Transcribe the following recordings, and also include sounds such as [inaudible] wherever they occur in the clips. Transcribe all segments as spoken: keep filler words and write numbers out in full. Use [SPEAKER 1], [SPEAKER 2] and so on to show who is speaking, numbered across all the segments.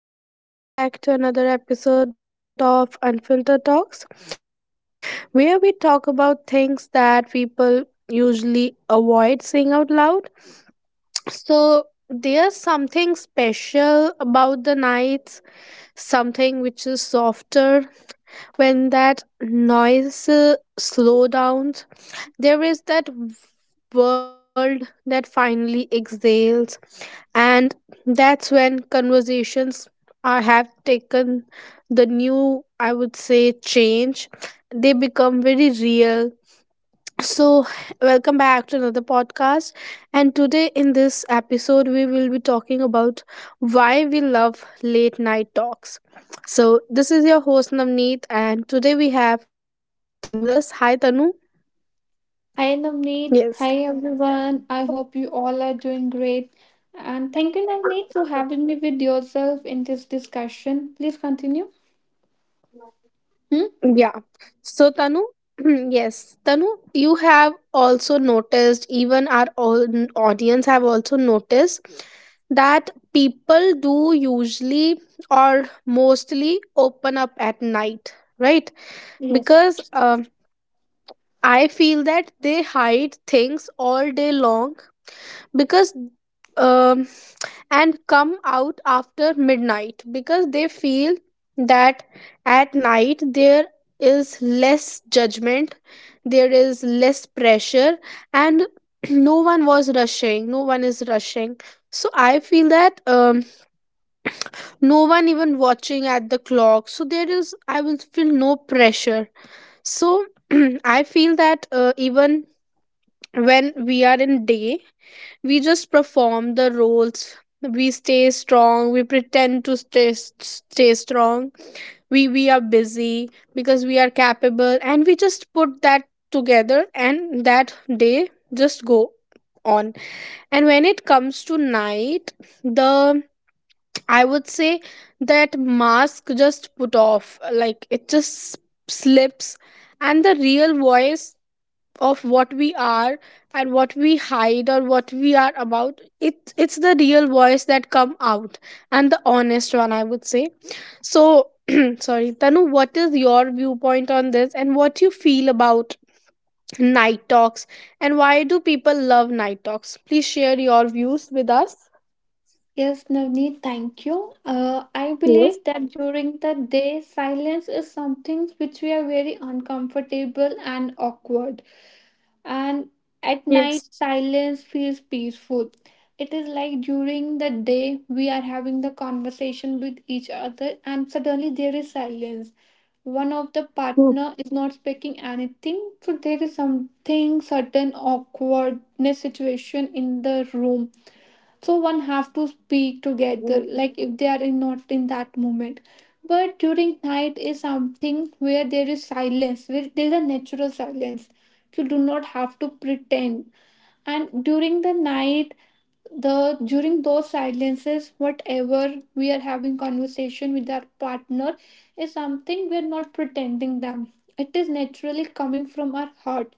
[SPEAKER 1] Hello, everyone. Welcome back to another episode of Unfiltered Talks, where we talk about things that people usually avoid saying out loud. So, there's something special about the nights, something which is softer when that noise uh, slow down. There is that world that finally exhales and that's when conversations are have taken the new i would say change, they become very real. So welcome back to another podcast, and today in this episode we will be talking about why we love late night talks. So this is your host Navneet, and today we have Tanu with us. Hi, Tanu.
[SPEAKER 2] Hi
[SPEAKER 1] Yes.
[SPEAKER 2] Navneet, hi everyone. I hope you all are doing great. And thank you, Navneet, for having me with yourself in this discussion. Please continue. Hmm?
[SPEAKER 1] Yeah. So, Tanu, [clears throat] yes, Tanu, you have also noticed, even our own audience have also noticed that people do usually or mostly open up at night, right?
[SPEAKER 2] Yes.
[SPEAKER 1] Because um, I feel that they hide things all day long because. Um, and come out after midnight because they feel that at night there is less judgment, there is less pressure, and [clears throat] no one was rushing, no one is rushing. So I feel that um, no one even watching at the clock. So there is, I will feel no pressure. So [clears throat] I feel that uh, even when we are in day we just perform the roles, we stay strong, we pretend to stay stay strong, we we are busy because we are capable and we just put that together, and that day just go on. And when it comes to night, the I would say that mask just put off, like it just slips, and the real voice of what we are and what we hide or what we are about it it's the real voice that come out, and the honest one I would say. So [clears throat] sorry, Tanu, what is your viewpoint on this and what you feel about night talks, and why do people love night talks? Please share your views with us.
[SPEAKER 2] Yes, Navneet, thank you. Uh, I
[SPEAKER 1] Yes.
[SPEAKER 2] believe that during the day, silence is something which we are very uncomfortable and awkward. And at night,
[SPEAKER 1] Yes.
[SPEAKER 2] silence feels peaceful. It is like during the day, we are having the conversation with each other, and suddenly there is silence, one of the partner is not speaking anything, so there is something certain awkwardness situation in the room. So one have to speak together, like if they are in, not in that moment, but during night is something where there is silence, where there is a natural silence. You do not have to pretend. And during the night, the during those silences, whatever we are having conversation with our partner is something we are not pretending them, it is naturally coming from our heart.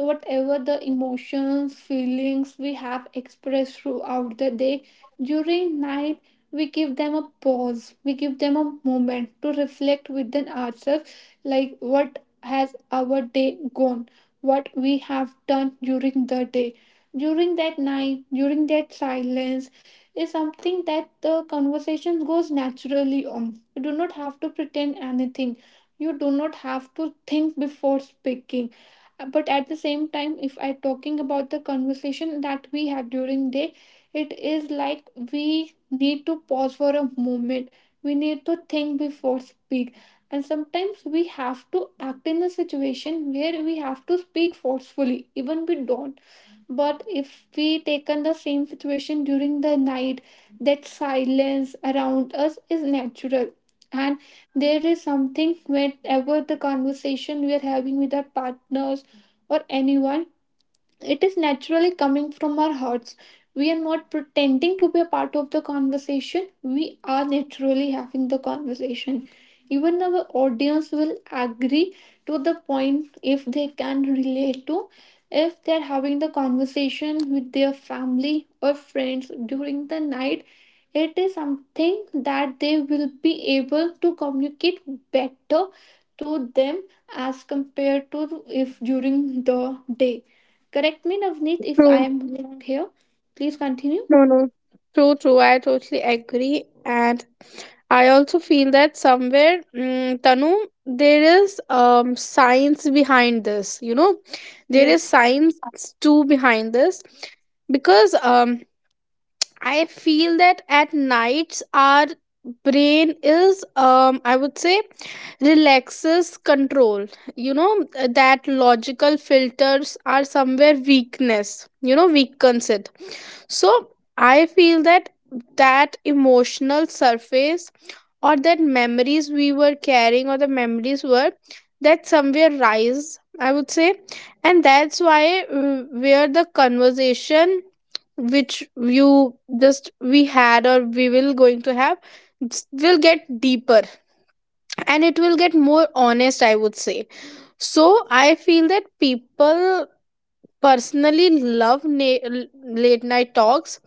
[SPEAKER 2] Whatever the emotions feelings we have expressed throughout the day, during night we give them a pause, we give them a moment to reflect within ourselves, like what has our day gone, what we have done during the day. During that night, during that silence, is something that the conversation goes naturally on. You do not have to pretend anything. You do not have to think before speaking. uh, but at the same time, if I talking about the conversation that we have during day, it is like we need to pause for a moment, we need to think before speak, and sometimes we have to act in a situation where we have to speak forcefully even we don't. But if we taken the same situation during the night, that silence around us is natural. And there is something, whenever the conversation we are having with our partners or anyone, it is naturally coming from our hearts. We are not pretending to be a part of the conversation. We are naturally having the conversation. Even our audience will agree to the point, if they can relate to, if they're having the conversation with their family or friends during the night. It is something that they will be able to communicate better to them as compared to if during the day. Correct me, Navneet, if I
[SPEAKER 1] True.
[SPEAKER 2] am wrong here. Please continue.
[SPEAKER 1] No, no. True, true. I totally agree. And I also feel that somewhere, mm, Tanu, there is um, science behind this. You know, there is
[SPEAKER 2] Yes.
[SPEAKER 1] science too behind this because um, I feel that at nights our brain is, um, I would say, relaxes control. You know, that logical filters are somewhere weakness. You know, weakens it. So I feel that that emotional surface or that memories we were carrying or the memories were that somewhere rise, I would say. And that's why uh, where the conversation which you just we had or we will going to have s- will get deeper, and it will get more honest I would say. So I feel that people personally love na- l- late night talks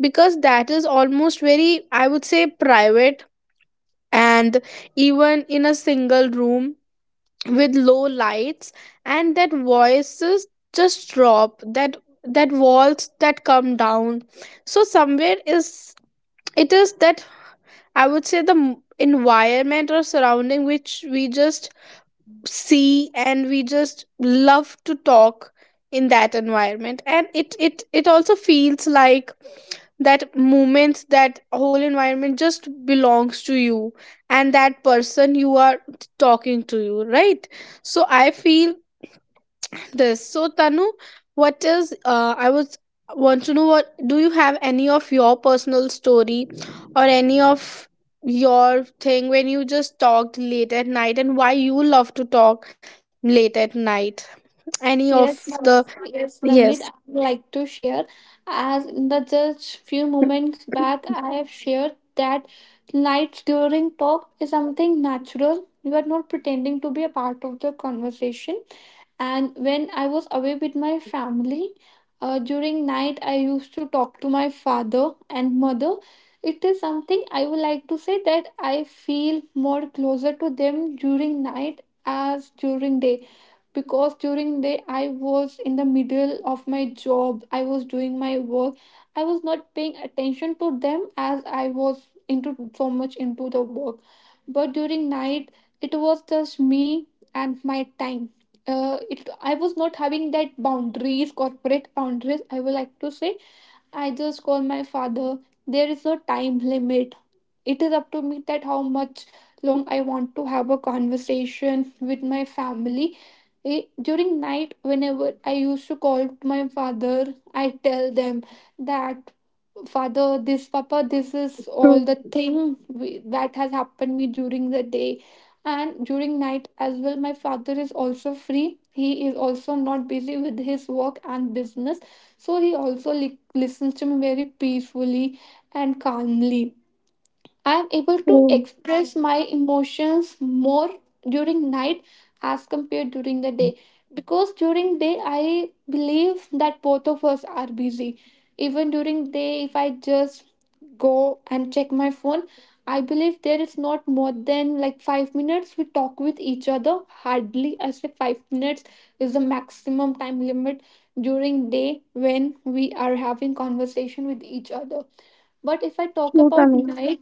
[SPEAKER 1] because that is almost very I would say private, and even in a single room with low lights, and that voices just drop, that that walls that come down. So somewhere is it is that I would say the m- environment or surrounding which we just see and we just love to talk in that environment. And it it it also feels like that moment, that whole environment just belongs to you and that person you are talking to, you right? So I feel this. So Tanu, what is uh, I was want to know, what do you have any of your personal story or any of your thing when you just talked late at night, and why you love to talk late at night? Any of
[SPEAKER 2] Yes,
[SPEAKER 1] the
[SPEAKER 2] Navneet. Yes,
[SPEAKER 1] yes.
[SPEAKER 2] Navneet, I would like to share. As in the just few moments back, I have shared that lights during talk is something natural. You are not pretending to be a part of the conversation. And when I was away with my family, uh, during night I used to talk to my father and mother. It is something I would like to say that I feel more closer to them during night as during day, because during day I was in the middle of my job, I was doing my work, I was not paying attention to them as I was into so much into the work. But during night, it was just me and my time. Uh, it I was not having that boundaries, corporate boundaries I would like to say. I just call my father, there is no time limit, it is up to me that how much long I want to have a conversation with my family. Eh, during night whenever I used to call to my father, I tell them that father, this papa, this is all
[SPEAKER 1] True,
[SPEAKER 2] the thing we, that has happened me during the day. And during night as well my father is also free, he is also not busy with his work and business, so he also li- listens to me very peacefully and calmly. I am able to
[SPEAKER 1] true,
[SPEAKER 2] express my emotions more during night as compared during the day, because during day I believe that both of us are busy. Even during day if I just go and check my phone, I believe there is not more than like five minutes we talk with each other, hardly I say five minutes is the maximum time limit during day when we are having conversation with each other. But if I talk
[SPEAKER 1] true,
[SPEAKER 2] about
[SPEAKER 1] Tanu.
[SPEAKER 2] night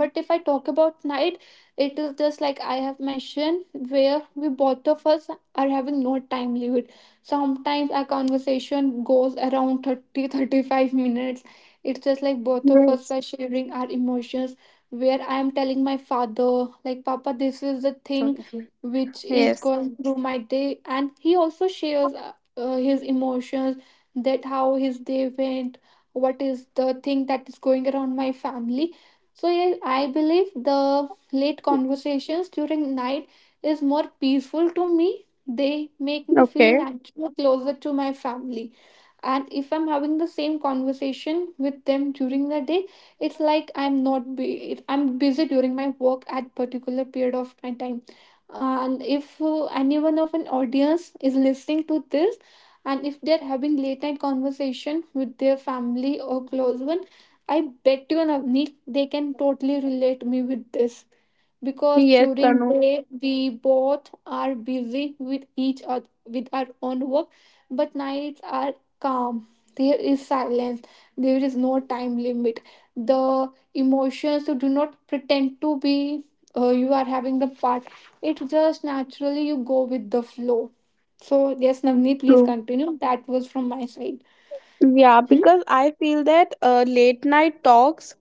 [SPEAKER 2] but if I talk about night it is just like I have mentioned, where we both of us are having no time limit. Sometimes our conversation goes around thirty, [laughs] thirty-five minutes. It's just like both of us
[SPEAKER 1] Yes.
[SPEAKER 2] are sharing our emotions, where I am telling my father like papa this is the
[SPEAKER 1] Sorry.
[SPEAKER 2] thing which is
[SPEAKER 1] Yes.
[SPEAKER 2] going through my day. And he also shares uh, uh, his emotions, that how his day went, what is the thing that is going around my family. So yes, I believe the late conversations during night is more peaceful to me. They make me feel
[SPEAKER 1] Okay.
[SPEAKER 2] naturally closer to my family. And if I'm having the same conversation with them during the day, it's like I'm not be I'm busy during my work at particular period of my time. And if uh, anyone of an audience is listening to this, and if they're having late night conversation with their family or close one, I bet you, Navneet, they can totally relate me with this, because
[SPEAKER 1] Yes,
[SPEAKER 2] during
[SPEAKER 1] Tanu.
[SPEAKER 2] day we both are busy with each other with our own work, but nights are calm. There is silence. There is no time limit. The emotions you do not pretend to be. Uh, you are having the part. It just naturally you go with the flow. So yes, Navneet, please
[SPEAKER 1] True.
[SPEAKER 2] continue. That was from my side.
[SPEAKER 1] Yeah,
[SPEAKER 2] Hmm?
[SPEAKER 1] because I feel that uh, late night talks,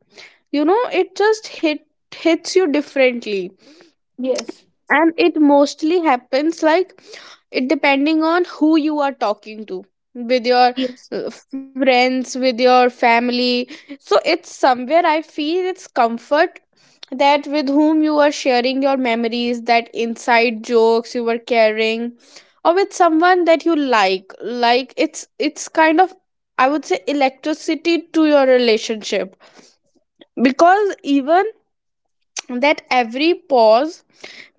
[SPEAKER 1] you know, it just hit hits you differently,
[SPEAKER 2] Yes.
[SPEAKER 1] and it mostly happens like it depending on who you are talking to with your
[SPEAKER 2] Yes.
[SPEAKER 1] uh, friends, with your family. So it's somewhere I feel it's comfort, that with whom you are sharing your memories, that inside jokes you were carrying, or with someone that you like. Like it's it's kind of, I would say, electricity to your relationship because even that every pause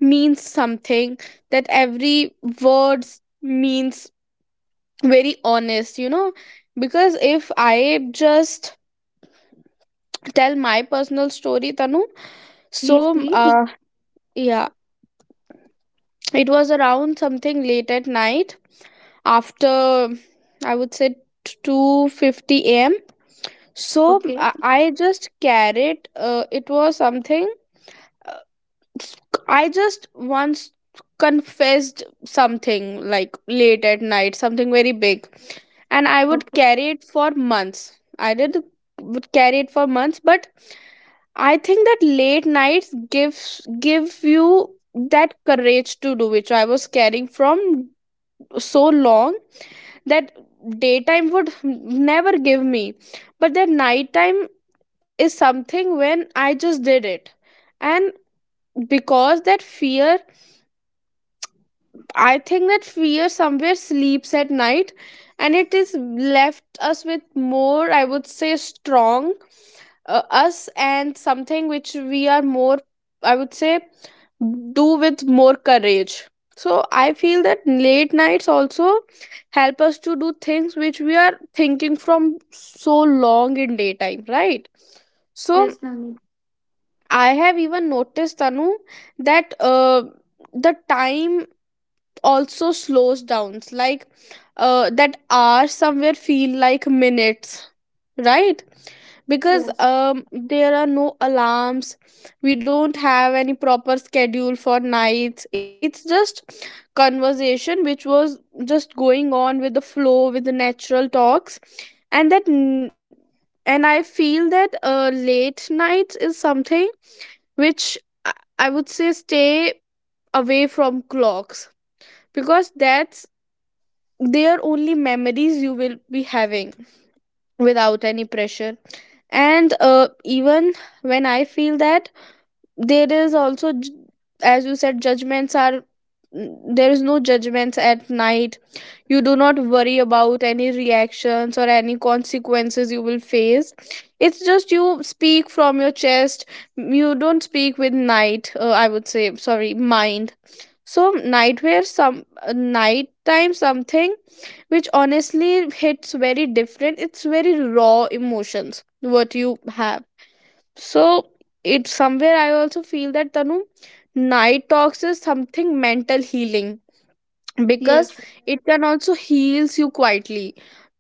[SPEAKER 1] means something, that every words means very honest, you know. Because if I just tell my personal story, Tanu, so
[SPEAKER 2] Please, please.
[SPEAKER 1] uh, yeah, it was around something late at night, after I would say two fifty a m. So
[SPEAKER 2] Okay.
[SPEAKER 1] i I just carried uh, it was something I just once confessed something like late at night, something very big, and I would
[SPEAKER 2] Okay.
[SPEAKER 1] carry it for months. I did would carry it for months, but I think that late nights gives give you that courage to do, which I was carrying from so long, that daytime would never give me. But that nighttime is something when I just did it, and because that fear, I think that fear somewhere sleeps at night, and it is left us with more, I would say, strong uh, us, and something which we are more, I would say, do with more courage. So I feel that late nights also help us to do things which we are thinking from so long in daytime, right? So
[SPEAKER 2] Yes, Navneet.
[SPEAKER 1] I have even noticed, Tanu, that uh, the time also slows down, like uh, that hour somewhere feel like minutes, right? Because
[SPEAKER 2] Yes.
[SPEAKER 1] um, there are no alarms, we don't have any proper schedule for nights. It's just conversation which was just going on with the flow, with the natural talks. And that n- and I feel that uh, late nights is something which I I would say stay away from clocks, because that's they are only memories you will be having without any pressure. And uh, even when I feel that there is also j- as you said judgments are mm, there is no judgments at night. You do not worry about any reactions or any consequences you will face. It's just you speak from your chest, you don't speak with night uh, I would say sorry mind. So nightwear some uh, nighttime, something which honestly hits very different. It's very raw emotions what you have. So it's somewhere I also feel that, Tanu, night talks is something mental healing, because
[SPEAKER 2] Yes.
[SPEAKER 1] it can also heals you quietly.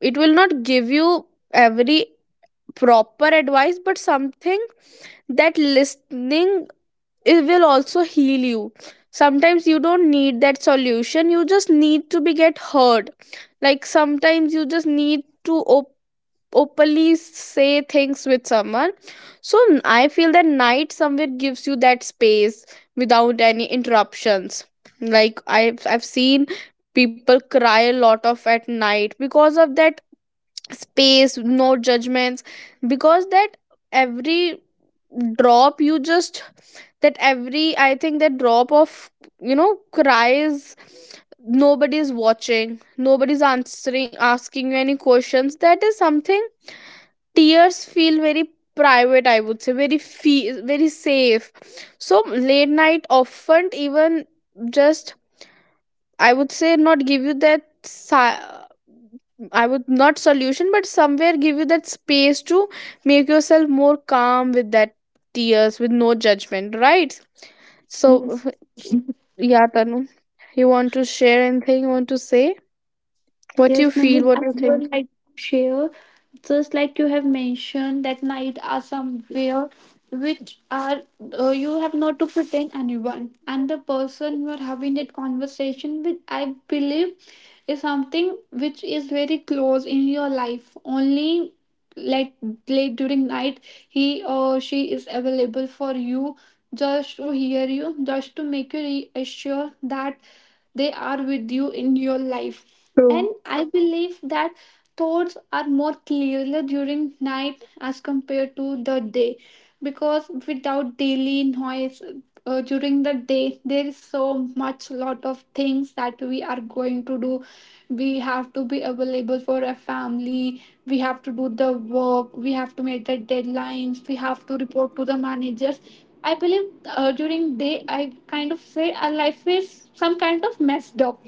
[SPEAKER 1] It will not give you every proper advice, but something that listening, it will also heal you. Sometimes you don't need that solution, you just need to be get heard. Like sometimes you just need to op- openly say things with someone. So n- I feel that night somewhere gives you that space without any interruptions. Like i've i've seen people cry a lot of at night because of that space, no judgments. Because that every drop you just, that every, I think that drop of, you know, cries, nobody's watching, nobody's answering asking you any questions, that is something tears feel very private, I would say, very feel very safe. So late night often, even just I would say not give you that si- I would not solution, but somewhere give you that space to make yourself more calm with that tears, with no judgment, right? So,
[SPEAKER 2] Yes.
[SPEAKER 1] yeah, Tanu, you want to share anything? You want to say what
[SPEAKER 2] Yes,
[SPEAKER 1] you feel?
[SPEAKER 2] Navneet, I
[SPEAKER 1] What you think?
[SPEAKER 2] would like to share. Just like you have mentioned, that night are somewhere which are, uh, you have not to pretend anyone, and the person you are having that conversation with, I believe, is something which is very close in your life. Only, like, late during night, he or she is available for you, just to hear you, just to make you reassure that they are with you in your life.
[SPEAKER 1] True,
[SPEAKER 2] And I believe that thoughts are more clearer during night as compared to the day, because without daily noise, uh, during the day there is so much lot of things that we are going to do. We have to be available for a family, we have to do the work, we have to meet the deadlines, we have to report to the managers. I believe uh, during day I kind of say our life is some kind of messed up.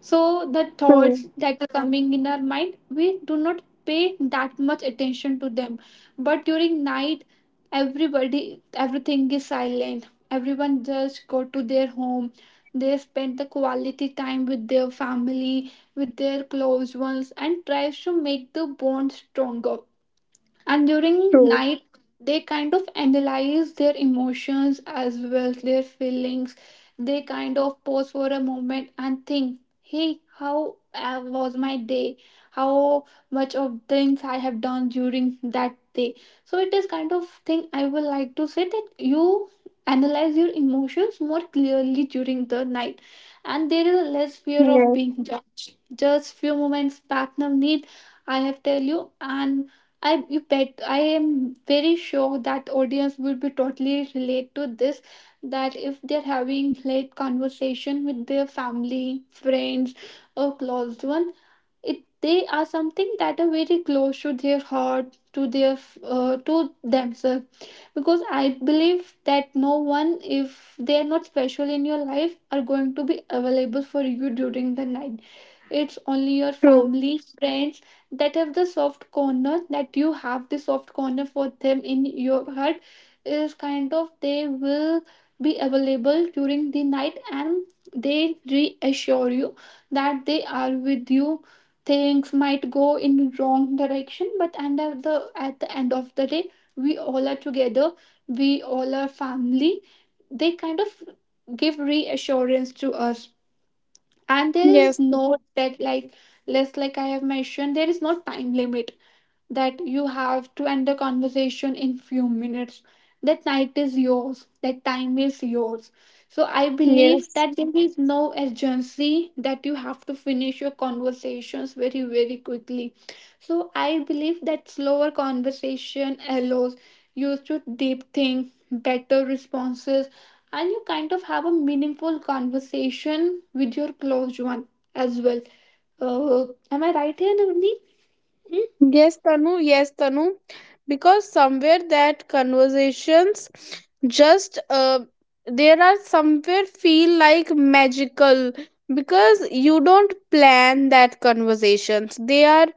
[SPEAKER 2] So the thoughts
[SPEAKER 1] true,
[SPEAKER 2] that are coming in our mind we do not pay that much attention to them. But during night, everybody, everything is silent, everyone just go to their home. They spend the quality time with their family, with their close ones, and tries to make the bond stronger. And during
[SPEAKER 1] true.
[SPEAKER 2] night they kind of analyze their emotions as well their feelings. They kind of pause for a moment and think, hey, how uh, was my day, how much of things I have done during that day. So it is kind of thing I would like to say that you analyze your emotions more clearly during the night, and there is a less fear of
[SPEAKER 1] Yes,
[SPEAKER 2] being judged. Just few moments back now I have tell you, and I you bet I am very sure that audience will be totally relate to this, that if they're having late conversation with their family, friends or closed one, it they are something that are very close to their heart, to their, uh, to themselves, because I believe that no one, if they are not special in your life, are going to be available for you during the night. It's only your
[SPEAKER 1] true.
[SPEAKER 2] family friends that have the soft corner, that you have the soft corner for them in your heart, is kind of they will be available during the night, and they reassure you that they are with you. Things might go in wrong direction, but and at the at the end of the day we all are together, we all are family. They kind of give reassurance to us, and there
[SPEAKER 1] Yes,
[SPEAKER 2] is no that like less, like I have mentioned, there is no time limit, that you have to end the conversation in few minutes. That night is yours, that time is yours. So I believe
[SPEAKER 1] yes.
[SPEAKER 2] that there is no urgency that you have to finish your conversations very very quickly. So I believe that slower conversation allows you to deep think better responses, and you kind of have a meaningful conversation with your close one as well. Uh, am I right here, Navneet? Hmm?
[SPEAKER 1] Yes, Tanu. Yes, Tanu. Because somewhere that conversations just uh, there are somewhere feel like magical, because you don't plan that conversations. They are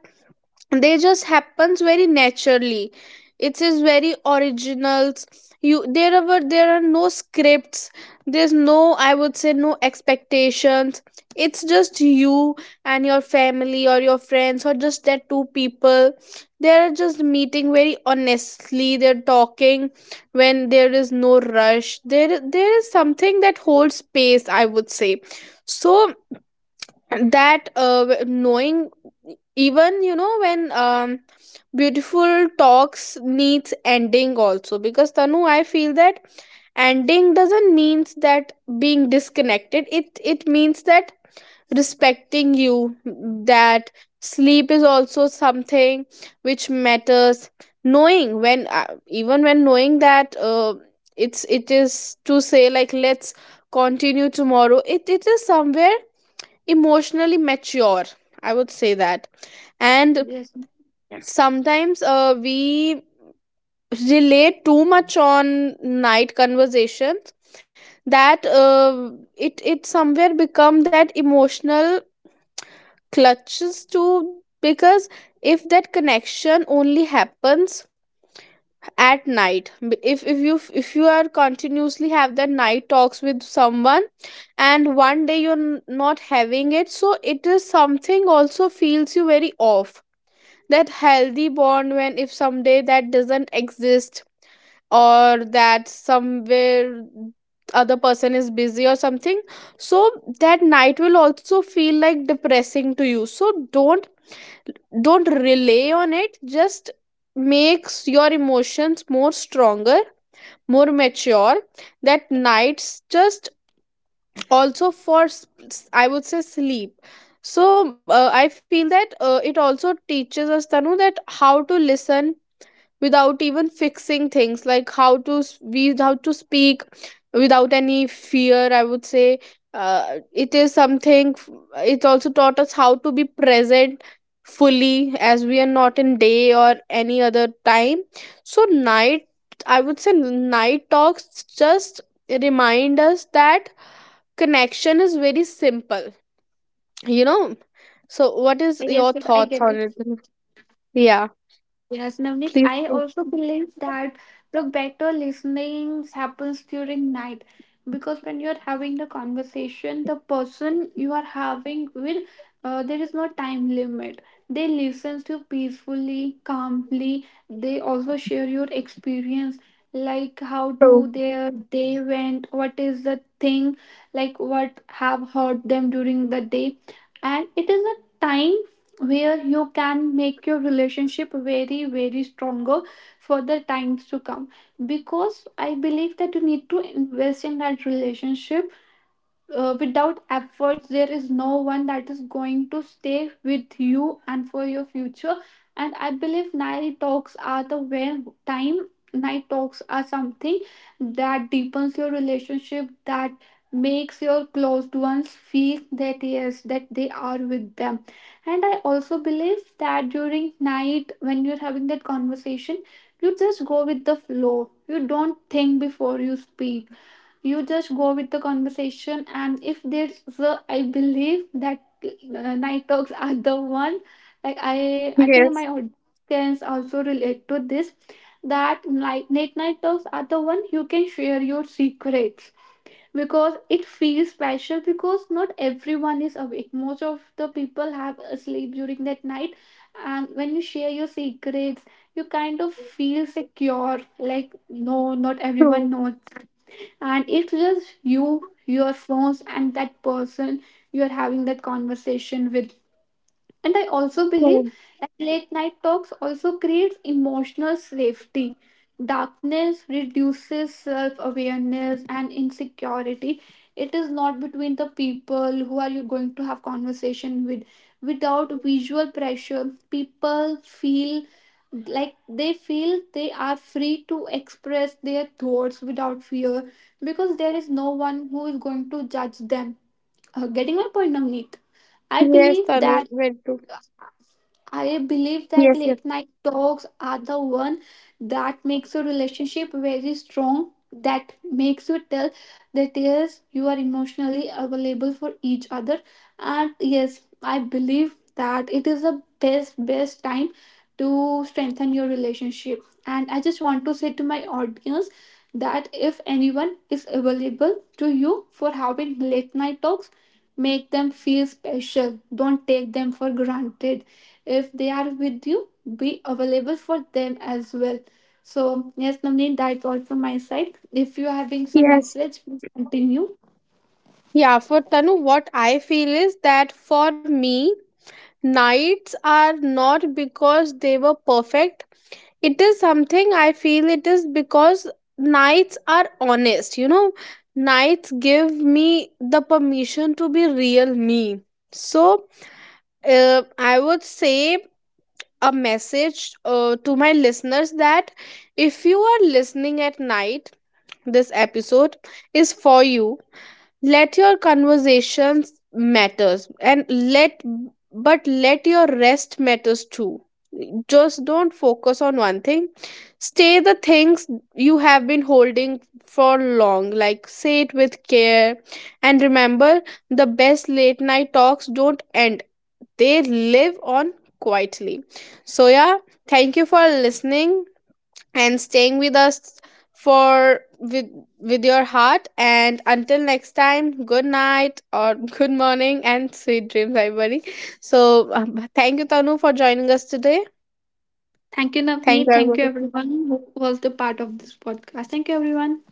[SPEAKER 1] they just happens very naturally, it is very originals. You there are were- there are no scripts, there's no, I would say, no expectations. It's just you and your family or your friends or just that two people, they're just meeting very honestly, they're talking. When there is no rush, there there is something that holds space, I would say. So that uh, w- knowing, even you know when um, beautiful talks needs ending also. Because, Tanu, I feel that ending doesn't means that being disconnected, it it means that respecting you, that sleep is also something which matters. Knowing when uh, even when knowing that uh, it's it is to say like let's continue tomorrow, it it is somewhere emotionally mature, I would say that. And
[SPEAKER 2] Yes.
[SPEAKER 1] sometimes uh, we relate too much on night conversations, that uh, it it somewhere become that emotional clutches to. Because if that connection only happens at night, b- if if you, if you are continuously have that night talks with someone, and one day you're n- not having it, so it is something also feels you very off, that healthy bond, when if someday that doesn't exist or that somewhere other person is busy or something. So that night will also feel like depressing to you. So don't don't rely on it, just makes your emotions more stronger, more mature. That nights just also for s- s- I would say sleep. So uh, I feel that uh, it also teaches us, Tanu, that how to listen without even fixing things, like how to s- we how to speak without any fear, I would say. Uh, it is something f- it also taught us how to be present fully, as we are not in day or any other time. So night, I would say night talks just remind us that connection is very simple, you know. So what is
[SPEAKER 2] Yes,
[SPEAKER 1] your
[SPEAKER 2] yes, I
[SPEAKER 1] thoughts
[SPEAKER 2] get
[SPEAKER 1] on
[SPEAKER 2] it.
[SPEAKER 1] it? Yeah,
[SPEAKER 2] Yes, Navneet,
[SPEAKER 1] please
[SPEAKER 2] I
[SPEAKER 1] think.
[SPEAKER 2] also believe that the better listening happens during night, because when you're having the conversation, the person you are having with, uh, there is no time limit. They listen to peacefully, calmly. They also share your experience, like how do
[SPEAKER 1] True.
[SPEAKER 2] their day went, what is the thing, like what have hurt them during the day, and it is a time where you can make your relationship very very stronger for the times to come. Because I believe that you need to invest in that relationship. uh, without efforts there is no one that is going to stay with you and for your future. And I believe night talks are the where time, night talks are something that deepens your relationship, that makes your closed ones feel that yes that they are with them. And I also believe that during night when you're having that conversation, you just go with the flow, you don't think before you speak, you just go with the conversation. And if there's a, I believe that uh, night talks are the one, like i i think my
[SPEAKER 1] Yes.
[SPEAKER 2] audience can also relate to this, that night late night talks are the one you can share your secrets, because it feels special, because not everyone is awake, most of the people have a sleep during that night. And when you share your secrets, you kind of feel secure, like no, not everyone
[SPEAKER 1] True.
[SPEAKER 2] knows, and it's just you, your phones, and that person you're having that conversation with. And I also believe
[SPEAKER 1] Hmm.
[SPEAKER 2] that late night talks also creates emotional safety. Darkness reduces self-awareness and insecurity, it is not between the people who are you going to have conversation with. Without visual pressure, people feel like they feel they are free to express their thoughts without fear, because there is no one who is going to judge them. Uh, getting my point, Navneet? I
[SPEAKER 1] Yes,
[SPEAKER 2] believe that,
[SPEAKER 1] Tanu, very true.
[SPEAKER 2] I believe that
[SPEAKER 1] Yes, yes,
[SPEAKER 2] late night talks are the one that makes your relationship very strong, that makes you tell that yes, you are emotionally available for each other. And yes, I believe that it is the best, best time to strengthen your relationship. And I just want to say to my audience that if anyone is available to you for having late night talks, make them feel special. Don't take them for granted. If they are with you, be available for them as well. So, yes, Navneet, that's all from my side. If you are having some
[SPEAKER 1] yes.
[SPEAKER 2] message, please continue.
[SPEAKER 1] Yeah, for Tanu, what I feel is that for me, nights are not because they were perfect. It is something I feel it is because nights are honest. You know, nights give me the permission to be real me. So, uh, I would say a message uh, to my listeners that if you are listening at night, this episode is for you. Let your conversations matters, and let but let your rest matters too. Just don't focus on one thing. Stay the things you have been holding for long, like say it with care. And remember, the best late night talks don't end, they live on quietly. So yeah, thank you for listening and staying with us for with with your heart, and until next time, good night or [laughs] good morning, and sweet dreams, everybody. So um, thank you, Tanu, for joining us today.
[SPEAKER 2] Thank you,
[SPEAKER 1] Thank
[SPEAKER 2] Navneet.
[SPEAKER 1] you,
[SPEAKER 2] Thank you,
[SPEAKER 1] everybody.
[SPEAKER 2] everyone who was the part of this podcast. Thank you, everyone.